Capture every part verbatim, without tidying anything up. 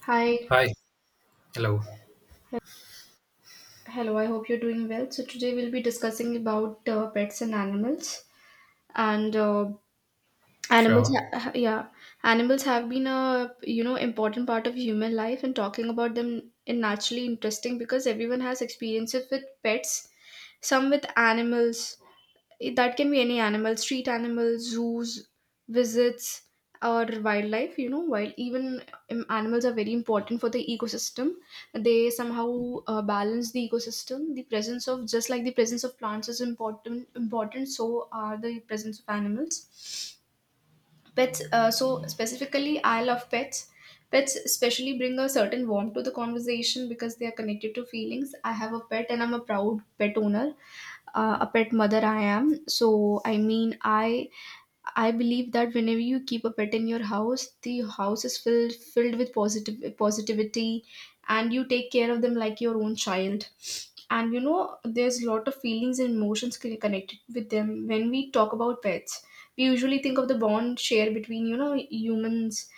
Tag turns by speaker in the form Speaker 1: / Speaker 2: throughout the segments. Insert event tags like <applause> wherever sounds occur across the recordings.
Speaker 1: Hi,
Speaker 2: Hi. Hello.
Speaker 1: hello. I hope you're doing well. So today we'll be discussing about uh, pets and animals, and uh, animals.
Speaker 2: Sure.
Speaker 1: Ha- ha- yeah, animals have been a you know important part of human life, and talking about them is naturally interesting because everyone has experiences with pets, some with animals, it, that can be any animal, street animals, zoos, visits, or wildlife. You know while even um, Animals are very important for the ecosystem. They somehow uh, balance the ecosystem. The presence of just like the presence of plants is important, important so are the presence of animals. Pets, uh, so specifically, I love pets. Pets especially bring a certain warmth to the conversation because they are connected to feelings. I have a pet and I'm a proud pet owner, uh, a pet mother I am. So I mean, I I believe that whenever you keep a pet in your house, the house is filled filled with positive positivity, and you take care of them like your own child, and you know there's a lot of feelings and emotions con- connected with them. When we talk about pets, we usually think of the bond share between, you know, humans,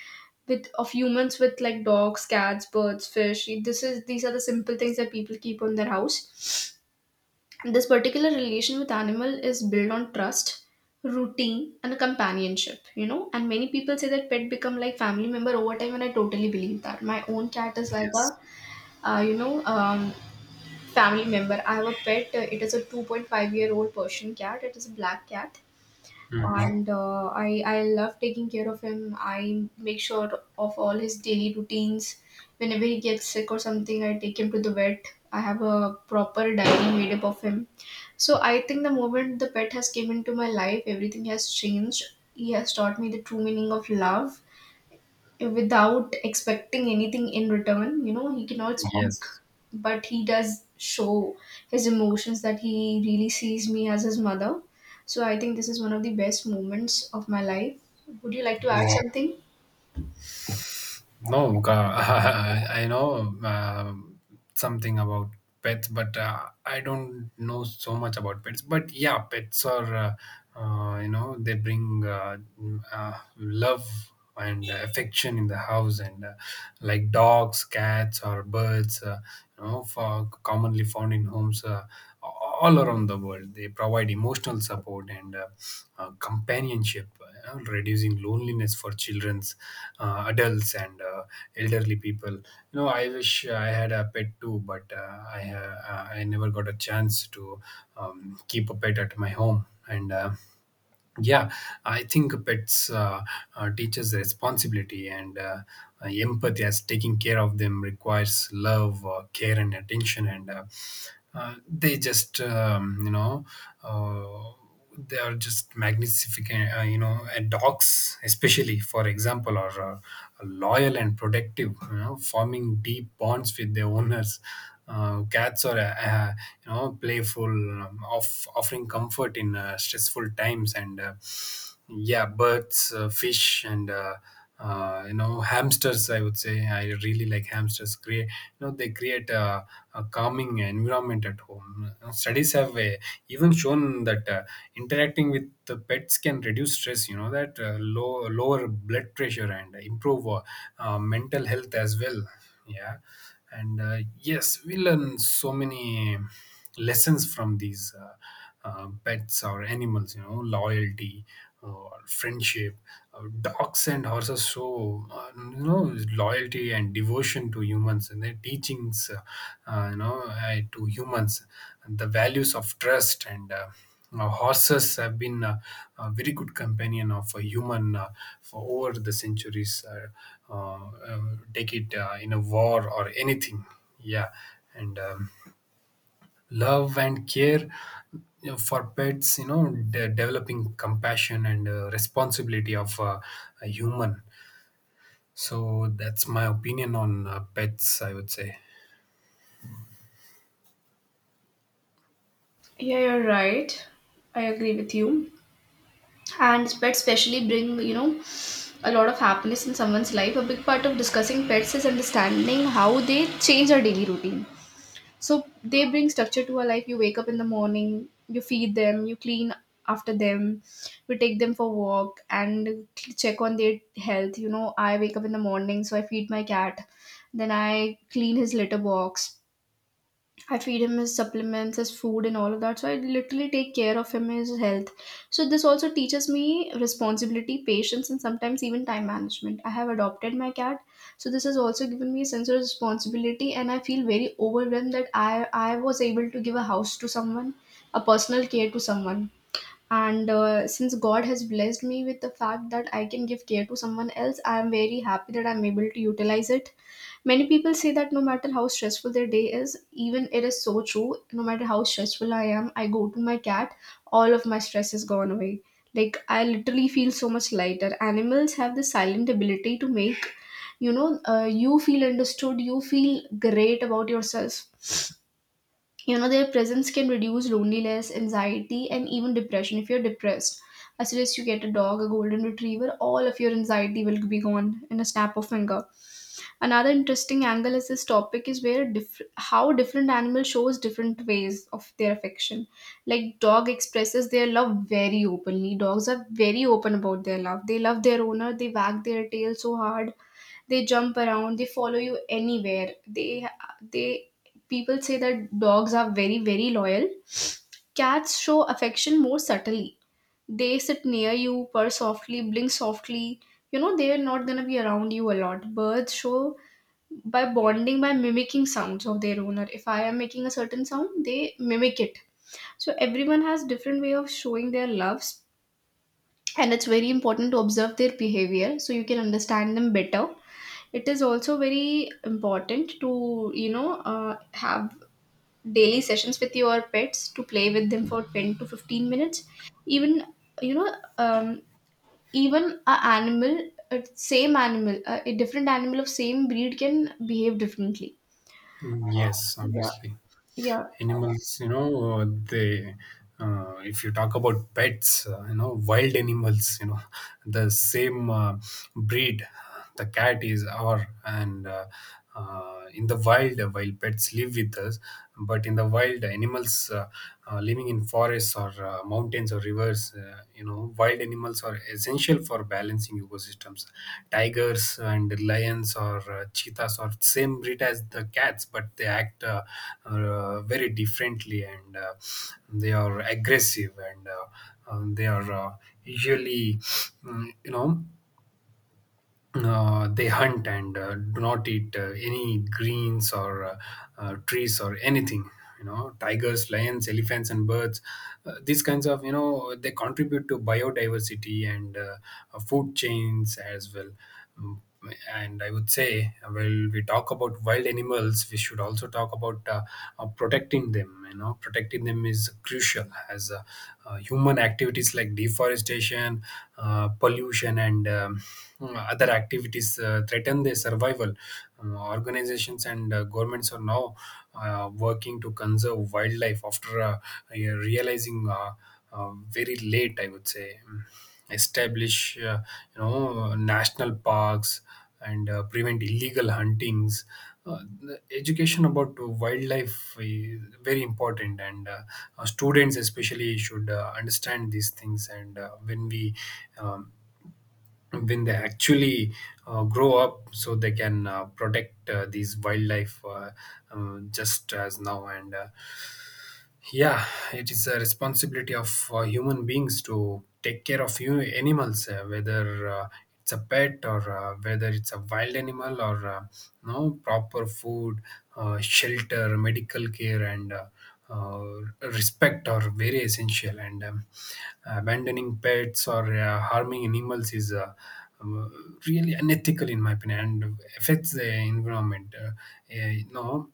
Speaker 1: with of humans with, like, dogs, cats, birds, fish. This is These are the simple things that people keep on their house, and this particular relation with animal is built on trust, routine, and companionship. You know, and many people say that pet become like family member over time, and I totally believe that. My own cat is like a
Speaker 2: Yes.
Speaker 1: uh, you know um, family member. I have a pet. uh, It is a two point five year old Persian cat. It is a black cat.
Speaker 2: hmm
Speaker 1: And uh, I, I love taking care of him. I make sure of all his daily routines. Whenever he gets sick or something, I take him to the vet. I have a proper diary made up of him. So I think the moment the pet has came into my life, everything has changed. He has taught me the true meaning of love without expecting anything in return. You know, he cannot speak,
Speaker 2: Yes.
Speaker 1: but he does show his emotions, that he really sees me as his mother. So I think this is one of the best moments of my life. Would you like to add
Speaker 2: hmm
Speaker 1: something?
Speaker 2: No, uh, <laughs> I know um something about pets, but uh, I don't know so much about pets. But yeah, pets are, uh, uh, you know, they bring uh, uh, love and affection in the house, and uh, like dogs, cats, or birds, uh, you know, for commonly found in homes. Uh, all around the world. They provide emotional support and uh, uh, companionship, uh, reducing loneliness for childrens, uh, adults, and uh, elderly people. You know, I wish I had a pet too, but uh, I uh, I never got a chance to um, keep a pet at my home and. Uh, yeah, I think pets uh, uh, teaches responsibility and uh, uh, empathy as taking care of them requires love, uh, care, and attention. And uh, uh, they just um, you know uh, they are just magnificent. Uh, you know, and dogs especially for example are uh, loyal and protective, you know, forming deep bonds with their owners. Uh, cats are uh, uh, you know, playful, um, off, offering comfort in uh, stressful times, and uh, yeah, birds, uh, fish, and uh, uh, you know, hamsters, I would say, I really like hamsters. Create you know They create a, a calming environment at home. Uh, studies have uh, even shown that uh, interacting with the pets can reduce stress, you know, that uh, low, lower blood pressure and improve uh, uh, mental health as well. Yeah. And uh, yes, we learn so many lessons from these uh, uh, pets or animals, you know. Loyalty uh, or friendship. Uh, dogs and horses show uh, you know, loyalty and devotion to humans, and their teachings uh, uh, you know, uh, to humans, and the values of trust. And uh, uh, horses have been uh, a very good companion of a human uh, for over the centuries, uh, uh, uh, take it uh, in a war or anything. Yeah. And um, love and care, you know, for pets, you know, de- developing compassion and uh, responsibility of uh, a human. So that's my opinion on uh, pets, I would say.
Speaker 1: Yeah, you're right. I agree with you. And pets especially bring, you know, a lot of happiness in someone's life. A big part of discussing pets is understanding how they change our daily routine. So they bring structure to our life. You wake up in the morning, you feed them, you clean after them, you take them for walk, and check on their health. You know, I wake up in the morning, so I feed my cat, then I clean his litter box, I feed him his supplements, his food, and all of that. So I literally take care of him, his health. So this also teaches me responsibility, patience, and sometimes even time management. I have adopted my cat, so this has also given me a sense of responsibility, and I feel very overwhelmed that I I was able to give a house to someone, a personal care to someone. And uh, since God has blessed me with the fact that I can give care to someone else, I am very happy that I'm able to utilize it. Many people say that no matter how stressful their day is, even it is so true. No matter how stressful I am, I go to my cat, all of my stress is gone away. Like, I literally feel so much lighter. Animals have this silent ability to make you know uh, you feel understood. You feel great about yourself. You know, their presence can reduce loneliness, anxiety, and even depression. If you're depressed, I suggest you get a dog, a golden retriever. All of your anxiety will be gone in a snap of finger. Another interesting angle is this topic is where diff- how different animals shows different ways of their affection. Like, dog expresses their love very openly. Dogs are very open about their love. They love their owner. They wag their tail so hard. They jump around. They follow you anywhere. They they People say that dogs are very very loyal. Cats show affection more subtly. They sit near you, purr softly, blink softly. You know, they are not gonna be around you a lot. Birds show by bonding, by mimicking sounds of their owner. If I am making a certain sound, they mimic it. So everyone has different way of showing their loves, and it's very important to observe their behavior so you can understand them better. It is also very important to, you know uh, have daily sessions with your pets, to play with them for ten to fifteen minutes. Even you know um, Even a animal, a same animal a, a different animal of same breed can behave differently.
Speaker 2: Mm, yes,
Speaker 1: Yeah.
Speaker 2: obviously
Speaker 1: Yeah.
Speaker 2: animals, you know, uh, they uh, if you talk about pets, uh, you know, wild animals, you know, <laughs> the same uh, breed, the cat is our, and uh, uh, in the wild, uh, while pets live with us, but in the wild, animals uh, uh, living in forests or uh, mountains or rivers, uh, you know, wild animals are essential for balancing ecosystems. Tigers and lions or uh, cheetahs are same breed as the cats, but they act uh, uh, very differently, and uh, they are aggressive, and uh, um, they are uh, usually mm, you know, uh, they hunt and uh, do not eat uh, any greens or uh, uh, trees or anything. You know, tigers, lions, elephants, and birds, uh, these kinds of, you know, they contribute to biodiversity and uh, uh, food chains as well. Mm. And I would say, uh, while we talk about wild animals, we should also talk about uh, uh, protecting them. You know, protecting them is crucial as uh, uh, human activities like deforestation, uh, pollution, and um, other activities uh, threaten their survival. Uh, organizations and uh, governments are now uh, working to conserve wildlife after uh, realizing uh, uh, very late, I would say, establish uh, you know, national parks and uh, prevent illegal huntings. Uh, the education about wildlife is very important, and uh, uh, students especially should uh, understand these things, and uh, when we um, when they actually uh, grow up, so they can uh, protect uh, these wildlife, uh, um, just as now. And uh, yeah, it is a responsibility of uh, human beings to take care of you animals, uh, whether uh, it's a pet or uh, whether it's a wild animal or uh, no proper food, uh, shelter, medical care, and uh, uh, respect are very essential. And um, abandoning pets or uh, harming animals is uh, um, really unethical in my opinion and affects the environment. Uh, uh, you know,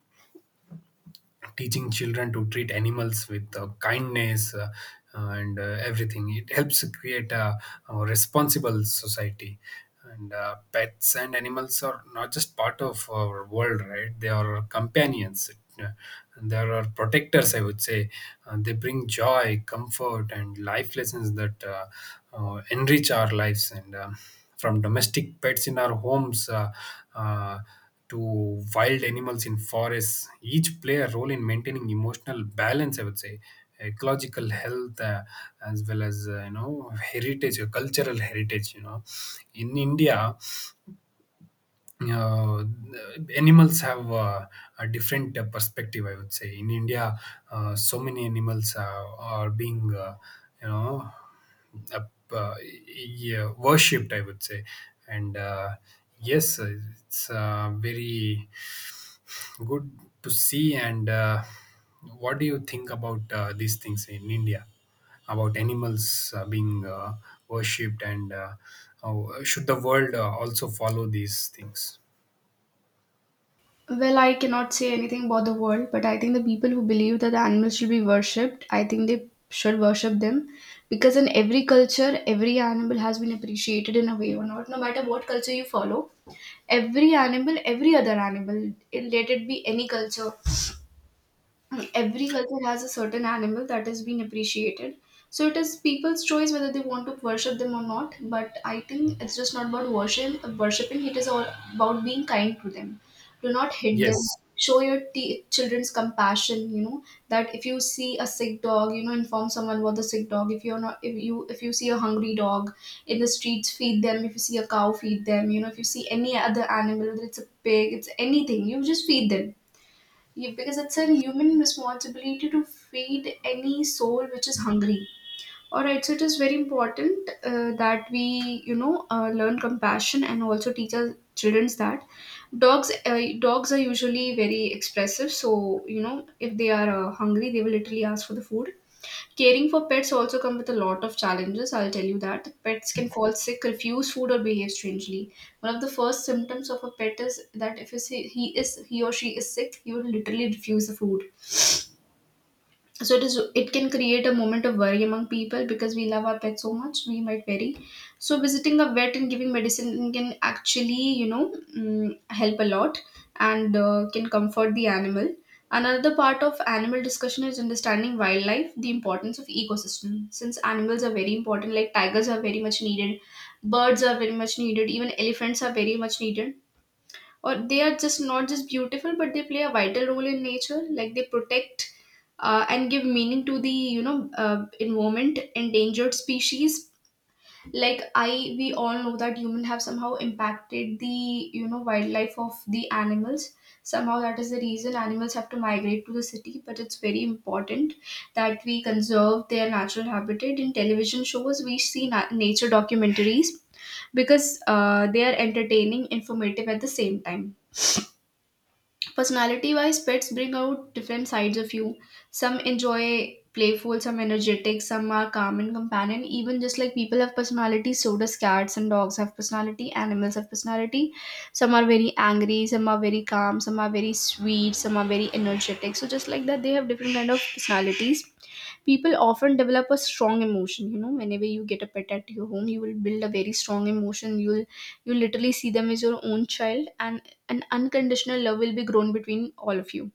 Speaker 2: teaching children to treat animals with uh, kindness, uh, uh, and uh, everything, it helps create a, a responsible society. And uh, pets and animals are not just part of our world, right, they are companions uh, and they are protectors, I would say. Uh, they bring joy, comfort, and life lessons that uh, uh, enrich our lives. And um from domestic pets in our homes uh, uh, to wild animals in forests, each play a role in maintaining emotional balance, I would say, ecological health, uh, as well as uh, you know, heritage, uh, cultural heritage. You know, in India uh, animals have uh, a different uh, perspective, I would say. In India, uh, so many animals uh, are being uh, you know, uh, uh, yeah, worshipped, I would say. And uh, yes, uh, it's uh, very good to see. And uh, what do you think about uh, these things in India, about animals uh, being uh, worshipped, and uh, how uh, should the world uh, also follow these things?
Speaker 1: Well, I cannot say anything about the world, but I think the people who believe that the animals should be worshipped, I think they should worship them, because in every culture, every animal has been appreciated in a way or not, no matter what culture you follow. Every animal, every other animal, it- let it be any culture, every culture has a certain animal that is being appreciated. So it is people's choice whether they want to worship them or not, but I think it's just not about worship worshiping, it is all about being kind to them. Do not hit them.
Speaker 2: Yes.
Speaker 1: Show your t- children's compassion. You know, that if you see a sick dog, you know, inform someone about the sick dog. If you're not if you If you see a hungry dog in the streets, feed them. If you see a cow, feed them. You know, if you see any other animal, whether it's a pig, it's anything, you just feed them. Yeah, because it's a human responsibility to feed any soul which is hungry. All right, so it is very important uh, that we, you know, uh, learn compassion, and also teach our childrens that dogs, uh, dogs are usually very expressive. So you know, if they are uh, hungry, they will literally ask for the food. Caring for pets also come with a lot of challenges, I'll tell you that. Pets can fall sick, refuse food, or behave strangely. One of the first symptoms of a pet is that, if you he is he or she is sick, he will literally refuse the food. So it is it can create a moment of worry among people, because we love our pet so much, we might vary. So visiting a vet and giving medicine can actually, you know, mm, help a lot, and uh, can comfort the animal. Another part of animal discussion is understanding wildlife, the importance of ecosystem, since animals are very important. Like tigers are very much needed, birds are very much needed, even elephants are very much needed, or they are just not just beautiful, but they play a vital role in nature. Like, they protect uh, and give meaning to the, you know, uh, environment. Endangered species, like I we all know that human have somehow impacted the, you know, wildlife of the animals. Somehow that is the reason animals have to migrate to the city, but it's very important that we conserve their natural habitat. In television shows we see na- nature documentaries, because uh, they are entertaining, informative at the same time. Personality wise, pets bring out different sides of you. Some enjoy playful, some energetic, some are calm and companion. Even just like people have personality, so does cats and dogs have personality, animals have personality. Some are very angry, some are very calm, some are very sweet, some are very energetic. So just like that, they have different kind of personalities. People often develop a strong emotion. You know, whenever you get a pet at your home, you will build a very strong emotion. You'll you literally see them as your own child, and an unconditional love will be grown between all of you.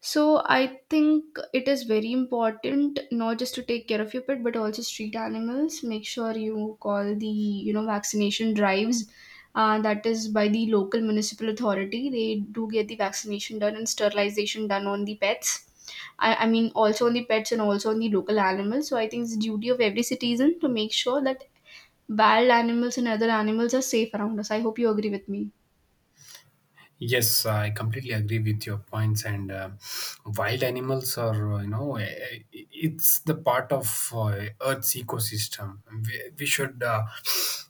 Speaker 1: So I think it is very important not just to take care of your pet but also street animals. Make sure you call the, you know, vaccination drives. Uh, that is by the local municipal authority. They do get the vaccination done and sterilization done on the pets. I, I mean, also on the pets and also on the local animals. So I think it's the duty of every citizen to make sure that wild animals and other animals are safe around us. I hope you agree with me.
Speaker 2: yes, I completely agree with your points. And uh, wild animals are, uh, you know, eh, eh, it's the part of uh, Earth's ecosystem. We, we should uh,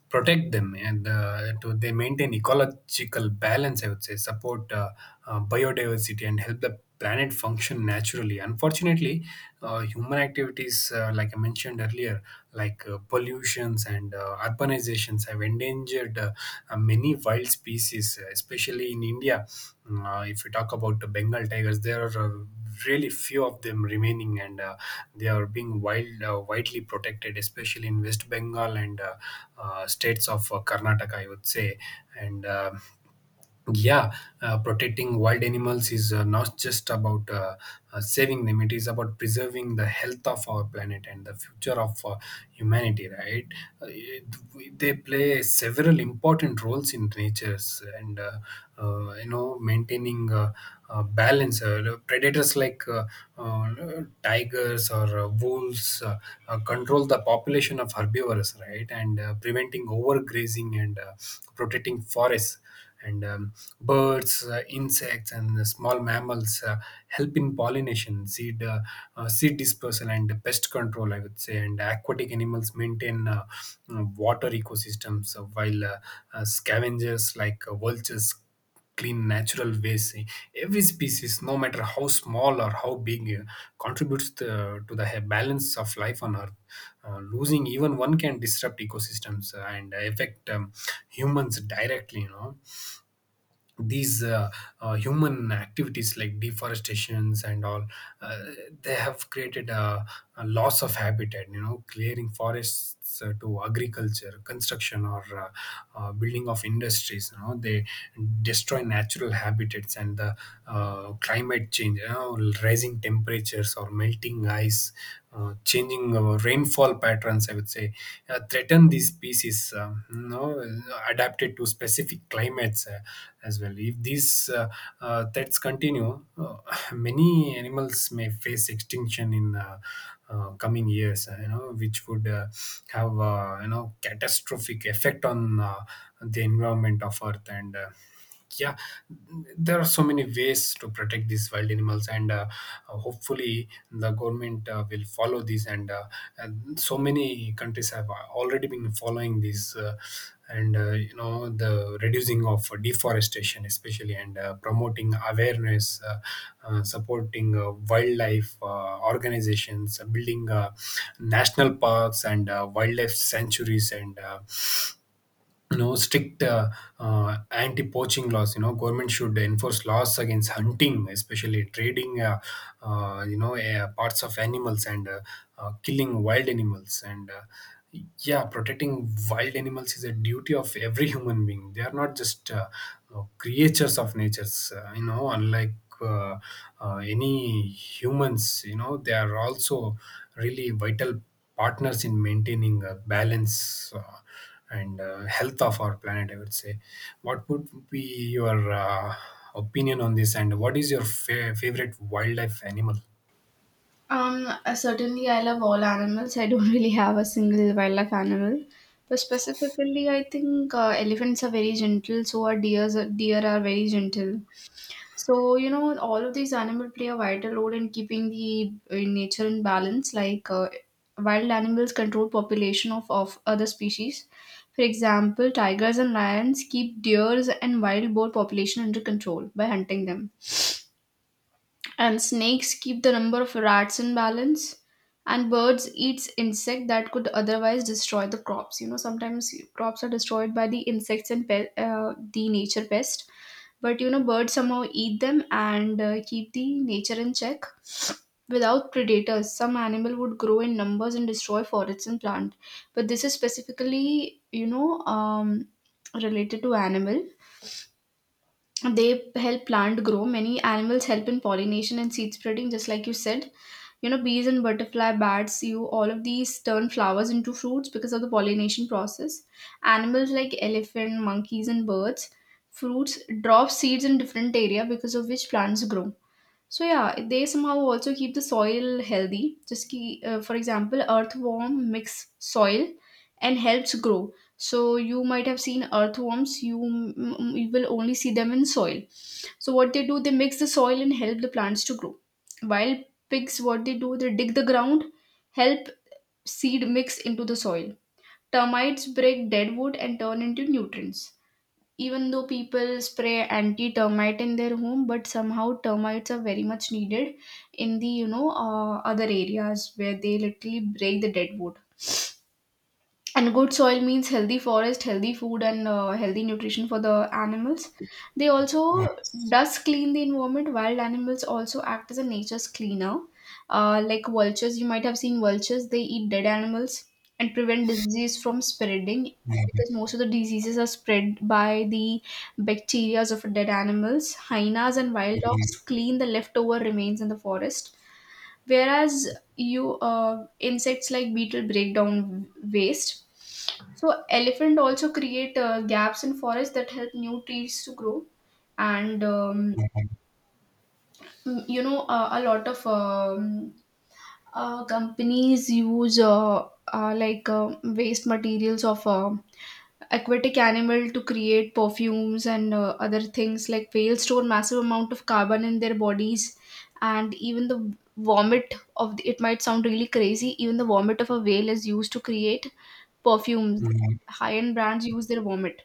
Speaker 2: protect them and uh, to they maintain ecological balance, I would say, support uh, uh, biodiversity and help the planet function naturally. Unfortunately, uh, human activities, uh, like I mentioned earlier, like uh, pollutions and uh, urbanizations, have endangered uh, uh, many wild species, uh, especially in India. Uh, if we talk about the Bengal tigers, there are uh, really few of them remaining, and uh, they are being wild, uh, widely protected, especially in West Bengal and uh, uh, states of uh, Karnataka, I would say, and. Um yeah. Uh, protecting wild animals is uh, not just about uh, uh, saving them, it is about preserving the health of our planet and the future of uh, humanity, right? uh, it- we- they play several important roles in nature's, and uh, uh, you know, maintaining uh, uh, balance. Uh, predators like uh, uh, tigers or uh, wolves uh, uh, control the population of herbivores, right, and uh, preventing overgrazing and uh, protecting forests. And um, birds, uh, insects, and small mammals uh, help in pollination, seed uh, uh, seed dispersal, and pest control, I would say. And aquatic animals maintain uh, uh, water ecosystems, uh, while uh, uh, scavengers like uh, vultures clean natural waste. Every species, no matter how small or how big, uh, contributes the, to the he- balance of life on Earth. Uh, losing even one can disrupt ecosystems uh, and affect um, humans directly. You know, these uh, uh, human activities like deforestations and all, uh, they have created a, a loss of habitat. You know, clearing forests uh, to agriculture, construction, or uh, uh, building of industries, you know, they destroy natural habitats. And the uh, climate change, you know, rising temperatures temperatures or melting ice, uh, changing uh, rainfall patterns, I would say, uh, threaten these species, uh, you know, adapted to specific climates uh, as well. If these uh, uh, threats continue, uh, <laughs> many animals may face extinction in uh, uh, coming years, uh, you know, which would uh, have, uh, you know, catastrophic effect on uh, the environment of Earth. And uh, yeah, there are so many ways to protect these wild animals, and uh, uh, hopefully the government uh, will follow this, and, uh, and so many countries have already been following this, uh, and uh, you know, the reducing of deforestation especially, and uh, promoting awareness, uh, uh, supporting uh, wildlife uh, organizations, uh, building uh, national parks and uh, wildlife sanctuaries, and uh, you know, strict uh, uh, anti-poaching laws. You know, government should enforce laws against hunting, especially trading uh, uh, you know, uh, parts of animals and uh, uh, killing wild animals. And uh, yeah, protecting wild animals is a duty of every human being. They are not just uh, uh, creatures of natures, uh, you know, unlike uh, uh, any humans, you know, they are also really vital partners in maintaining a balance uh, and uh, health of our planet, I would say. What would be your uh, opinion on this, and what is your fa- favorite wildlife animal?
Speaker 1: Um, uh, certainly, I love all animals. I don't <laughs> really have a single wildlife animal. But specifically, I think uh, elephants are very gentle, so are deers. uh, Deer are very gentle. So you know, all of these animals play a vital role in keeping the uh, nature in balance. Like uh, wild animals control population of, of other species. For example, tigers and lions keep deers and wild boar population under control by hunting them, and snakes keep the number of rats in balance. And birds eats insect that could otherwise destroy the crops. You know, sometimes crops are destroyed by the insects and pe- uh, the nature pest. But you know, birds somehow eat them and uh, keep the nature in check. Without predators, some animal would grow in numbers and destroy forests and plant. But this is specifically, you know, um, related to animal, they help plant grow. Many animals help in pollination and seed spreading, just like you said, you know, bees and butterfly bats, you, all of these turn flowers into fruits because of the pollination process. Animals like elephant, monkeys, and birds, fruits drop seeds in different area because of which plants grow. So yeah, they somehow also keep the soil healthy. Just ki, uh, for example, earthworm mix soil and helps grow. So you might have seen earthworms. You, m- you will only see them in soil. So what they do, they mix the soil and help the plants to grow. While pigs, what they do, they dig the ground, help seed mix into the soil. Termites break dead wood and turn into nutrients. Even though people spray anti-termite in their home, but somehow termites are very much needed in the, you know, uh, other areas where they literally break the dead wood. And good soil means healthy forest, healthy food, and uh, healthy nutrition for the animals. They
Speaker 2: Mhm.
Speaker 1: also does clean the environment. Wild animals also act as a nature's cleaner. Uh, like vultures, you might have seen vultures, they eat dead animals and prevent disease from spreading,
Speaker 2: mhm,
Speaker 1: because most of the diseases are spread by the bacteria of dead animals. Hyenas and wild
Speaker 2: mhm,
Speaker 1: dogs clean the leftover remains in the forest, whereas you uh, insects like beetle break down waste. So elephant also create uh, gaps in forest that help new trees to grow. And um,
Speaker 2: mhm,
Speaker 1: you know, uh, a lot of um, uh, companies use uh, uh, like uh, waste materials of uh, aquatic animal to create perfumes and uh, other things. Like whales store massive amount of carbon in their bodies, and even the vomit of the, it might sound really crazy, even the vomit of a whale is used to create perfumes.
Speaker 2: mhm.
Speaker 1: High end brands use their vomit.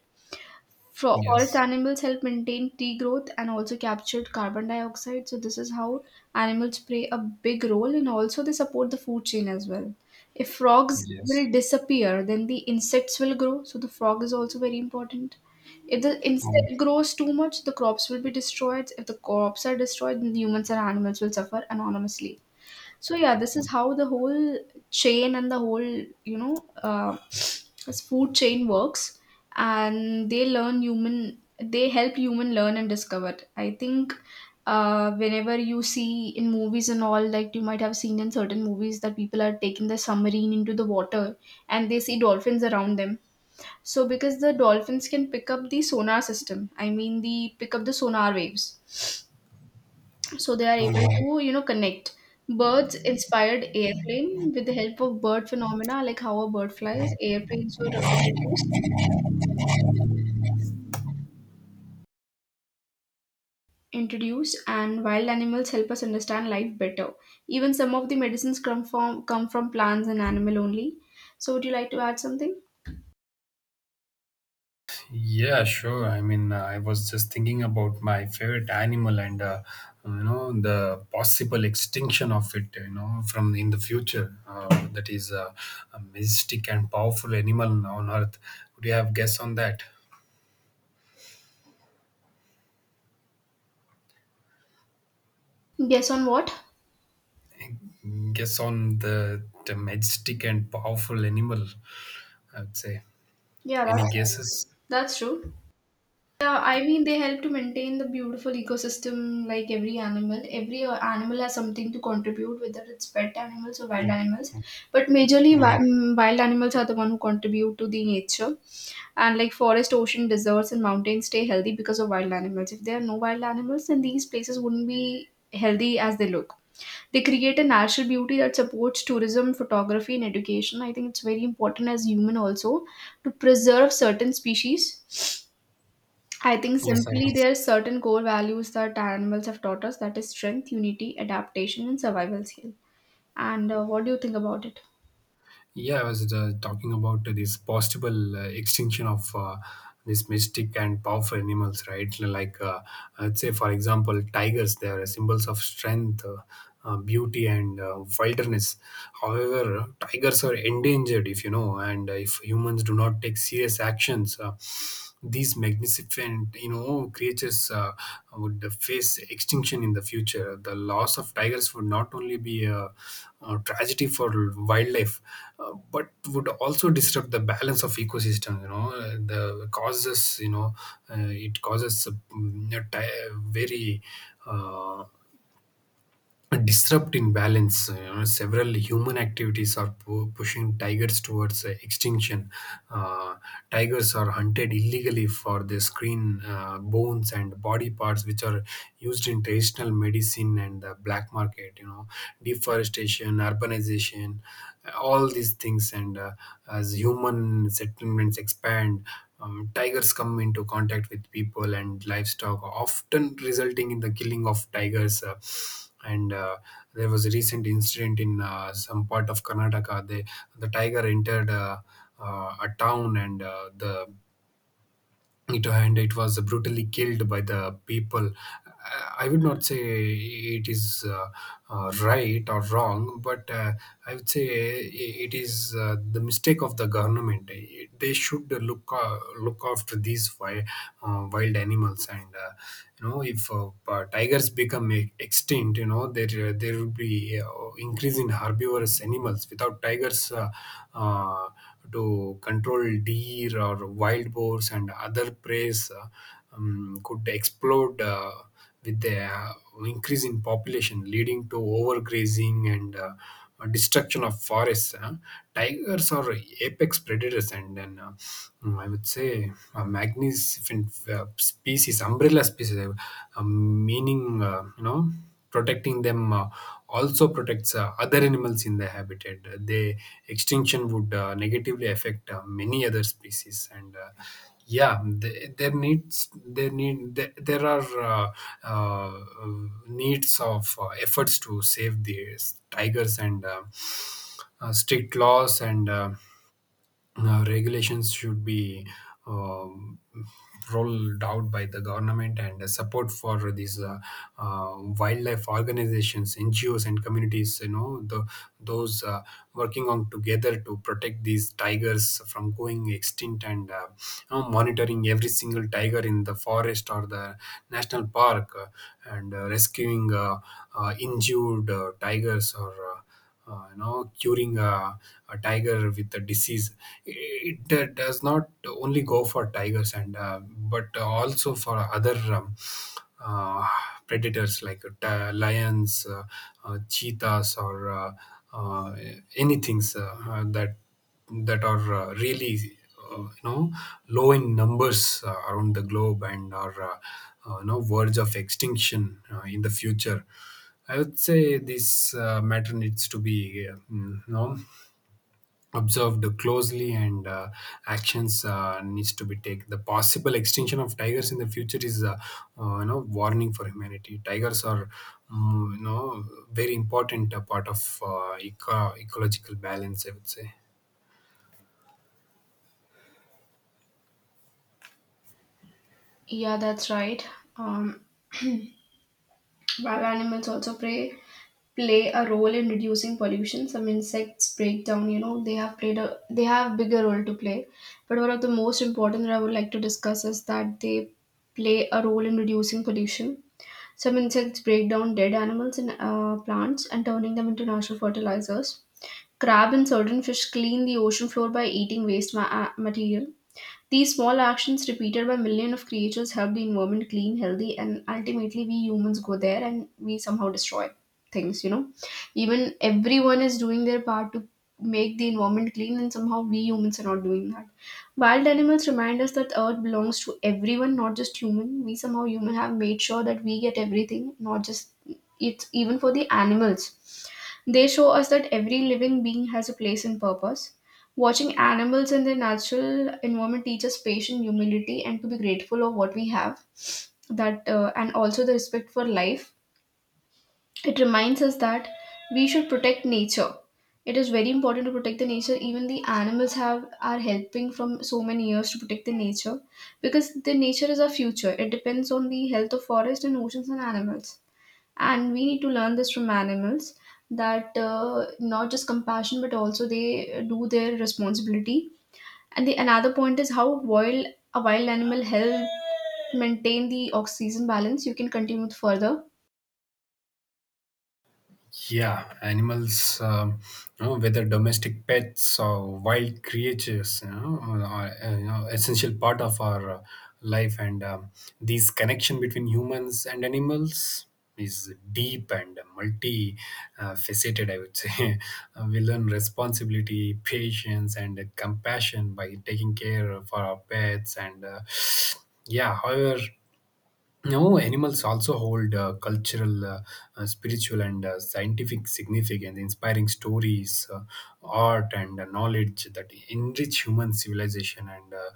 Speaker 1: Fro- Forest
Speaker 2: Yes.
Speaker 1: animals help maintain tree growth and also captured carbon dioxide. So this is how animals play a big role, and also they support the food chain as well. If frogs
Speaker 2: yes.
Speaker 1: will disappear, then the insects will grow. So the frog is also very important. If the insect
Speaker 2: yes.
Speaker 1: grows too much, the crops will be destroyed. If the crops are destroyed, then the humans and animals will suffer anonymously. So yeah, this is how the whole chain and the whole, you know, uh, this food chain works. And they learn human. They help human learn and discover. I think uh, whenever you see in movies and all, like you might have seen in certain movies that people are taking the submarine into the water and they see dolphins around them. So because the dolphins can pick up the sonar system, I mean the pick up the sonar waves, so they are able
Speaker 2: Mhm.
Speaker 1: to, you know, connect. Birds inspired airplane with the help of bird phenomena, like how a bird flies, airplanes were introduced. And wild animals help us understand life better. Even some of the medicines come from come from plants and animal only. So would you like to add something?
Speaker 2: Yeah, sure. I mean, uh, I was just thinking about my favorite animal and uh, you know, the possible extinction of it. You know, from in the future, uh, that is uh, a majestic and powerful animal on Earth. Could you have guess on that?
Speaker 1: Yes, on what?
Speaker 2: Guess on the the majestic and powerful animal, I would say.
Speaker 1: yeah
Speaker 2: Any
Speaker 1: that's,
Speaker 2: guesses?
Speaker 1: that's true. Yeah, I mean they help to maintain the beautiful ecosystem, like every animal. Every uh, animal has something to contribute, whether it's pet animals or wild animals. But majorly, wi-
Speaker 2: Yeah.
Speaker 1: mm, wild animals are the one who contribute to the nature. And like forest, ocean, deserts, and mountains stay healthy because of wild animals. If there are no wild animals, then these places wouldn't be healthy as they look. They create a natural beauty that supports tourism, photography, and education. I think it's very important as human also to preserve certain species. I think
Speaker 2: Yes, I
Speaker 1: simply
Speaker 2: was.
Speaker 1: there are certain core values that animals have taught us, that is strength, unity, adaptation, and survival skill. And uh, what do you think about it?
Speaker 2: Yeah, I was uh, talking about this possible uh, extinction of uh, this majestic and powerful animals, right? Like, uh, I'd say, for example, tigers. They are symbols of strength, uh, uh, beauty, and uh, wilderness. However, tigers are endangered, if you know, and if humans do not take serious actions. Uh, these magnificent you know creatures uh, would face extinction in the future. The loss of tigers would not only be a, a tragedy for wildlife, uh, but would also disrupt the balance of ecosystem. You know Uh, the causes you know uh, it causes a, mm, a ti- very uh, disrupt in balance. You know, several human activities are pu- pushing tigers towards uh, extinction. Uh, Tigers are hunted illegally for their screen, uh, bones, and body parts, which are used in traditional medicine and the black market. You know, deforestation, urbanization, all these things. And uh, As human settlements expand, um, tigers come into contact with people and livestock, often resulting in the killing of tigers. Uh, and uh, There was a recent incident in uh, some part of Karnataka. They, the tiger entered uh, uh, a town, and uh, the it and it was brutally killed by the people. Uh, I would not say it is uh, uh, right or wrong, but uh, I would say i- it is uh, the mistake of the government. They should look uh, look after these wi- uh, wild animals. And uh, you know if uh, uh, tigers become e- extinct, you know there there will be uh, increase in herbivorous animals. Without tigers uh, uh, to control deer or wild boars and other prey, um, could explode uh, with the uh, increase in population, leading to overgrazing and uh, destruction of forests. Huh? Tigers are apex predators, and then uh, mm, I would say a magnificent uh, species, umbrella species, uh, meaning, uh, you know protecting them uh, also protects uh, other animals in the habitat. Uh, The extinction would uh, negatively affect uh, many other species, and uh, yeah, the- there needs there need there, there are uh, uh, needs of uh, efforts to save these tigers, and uh, uh, strict laws and. Uh, uh, regulations should be um, rolled out by the government, and uh, support for these uh, uh, wildlife organizations, N G Os, and communities, you know the, those uh, working on together to protect these tigers from going extinct. And uh, You know, monitoring every single tiger in the forest or the national park, uh, and uh, rescuing uh, uh, injured uh, tigers, or uh, uh, you know curing a, a tiger with a disease. It, uh, does not only go for tigers, and uh, but also for other um, uh, predators like t- lions, uh, uh, cheetahs, or uh, uh, anything uh, that that are uh, really uh, you know low in numbers uh, around the globe and are uh, uh, you know verge of extinction uh, in the future. I would say this uh, matter needs to be uh, mm, you know observed closely, and uh, actions uh, needs to be taken. The possible extinction of tigers in the future is a uh, you know warning for humanity. Tigers are mm, you know very important uh, part of uh, eco- ecological balance, I would say.
Speaker 1: Yeah, that's right. Um, <clears throat> wild animals also play play a role in reducing pollution. Some insects break down. You know, they have played a they have bigger role to play. But one of the most important that I would like to discuss is that they play a role in reducing pollution. Some insects break down dead animals and uh, plants and turning them into natural fertilizers. Crab and certain fish clean the ocean floor by eating waste ma- uh, material. These small actions, repeated by millions of creatures, help the environment clean, healthy, and ultimately we humans go there and we somehow destroy things, you know. Even everyone is doing their part to make the environment clean, and somehow we humans are not doing that. Wild animals remind us that Earth belongs to everyone, not just human. We somehow human have made sure that we get everything, not just it's even for the animals. They show us that every living being has a place and purpose. Watching animals in their natural environment teaches patient humility and to be grateful of what we have. That uh, and also the respect for life. It reminds us that we should protect nature. It is very important to protect the nature. Even the animals have are helping from so many years to protect the nature, because the nature is our future. It depends on the health of forest and oceans and animals. And we need to learn this from animals, that uh, not just compassion but also they do their responsibility. And the another point is how wild a wild animal help maintain the oxygen balance. You can continue it further.
Speaker 2: Yeah, animals, um, you know, whether domestic pets or wild creatures, you know, are uh, you know, essential part of our uh, life. And um, this connection between humans and animals is deep and multi uh, faceted, I would say. <laughs> Uh, we learn responsibility, patience, and uh, compassion by taking care of our pets. And uh, yeah, however, no, animals also hold uh, cultural, uh, uh, spiritual, and uh, scientific significance, inspiring stories, uh, art, and uh, knowledge that enrich human civilization. And uh,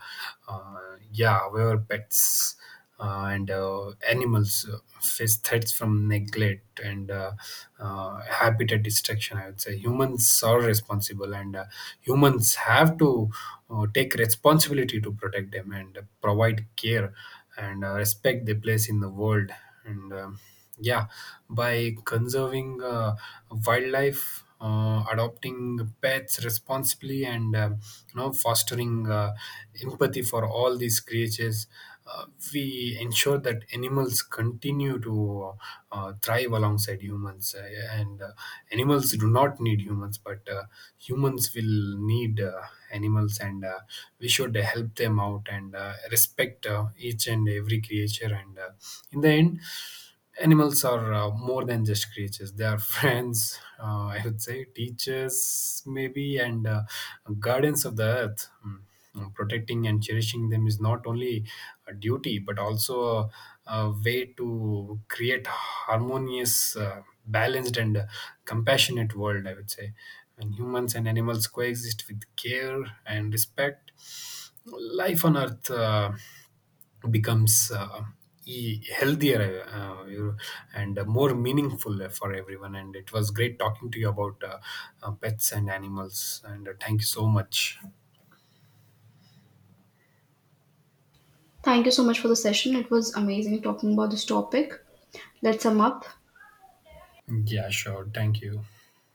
Speaker 2: uh, yeah, however, pets uh, and uh, animals uh, face threats from neglect and uh, uh, habitat destruction. I would say humans are responsible, and uh, humans have to uh, take responsibility to protect them and provide care and uh, respect they place in the world. And um, yeah By conserving uh, wildlife, uh, adopting pets responsibly, and um, you know fostering uh, empathy for all these creatures, uh, we ensure that animals continue to uh, thrive alongside humans. Uh, and uh, Animals do not need humans, but uh, humans will need uh, animals, and uh, we should help them out, and and uh, respect uh, each and every creature. And uh, In the end, animals are uh, more than just creatures. They are <laughs> friends, uh, I would say, teachers, maybe, and uh, guardians of the earth. Mm. Mm, Protecting and cherishing them is not only a duty but also a, a way to create harmonious, uh, balanced, and uh, compassionate world. I would say when humans and animals coexist with care and respect, life on earth uh, becomes uh, e- healthier uh, you- and more meaningful for everyone. And it was great talking to you about uh, uh, pets and animals. And uh, Thank you so much.
Speaker 1: Thank you so much for the session. It was amazing talking about this topic. Let's sum up.
Speaker 2: Yeah, sure, thank you.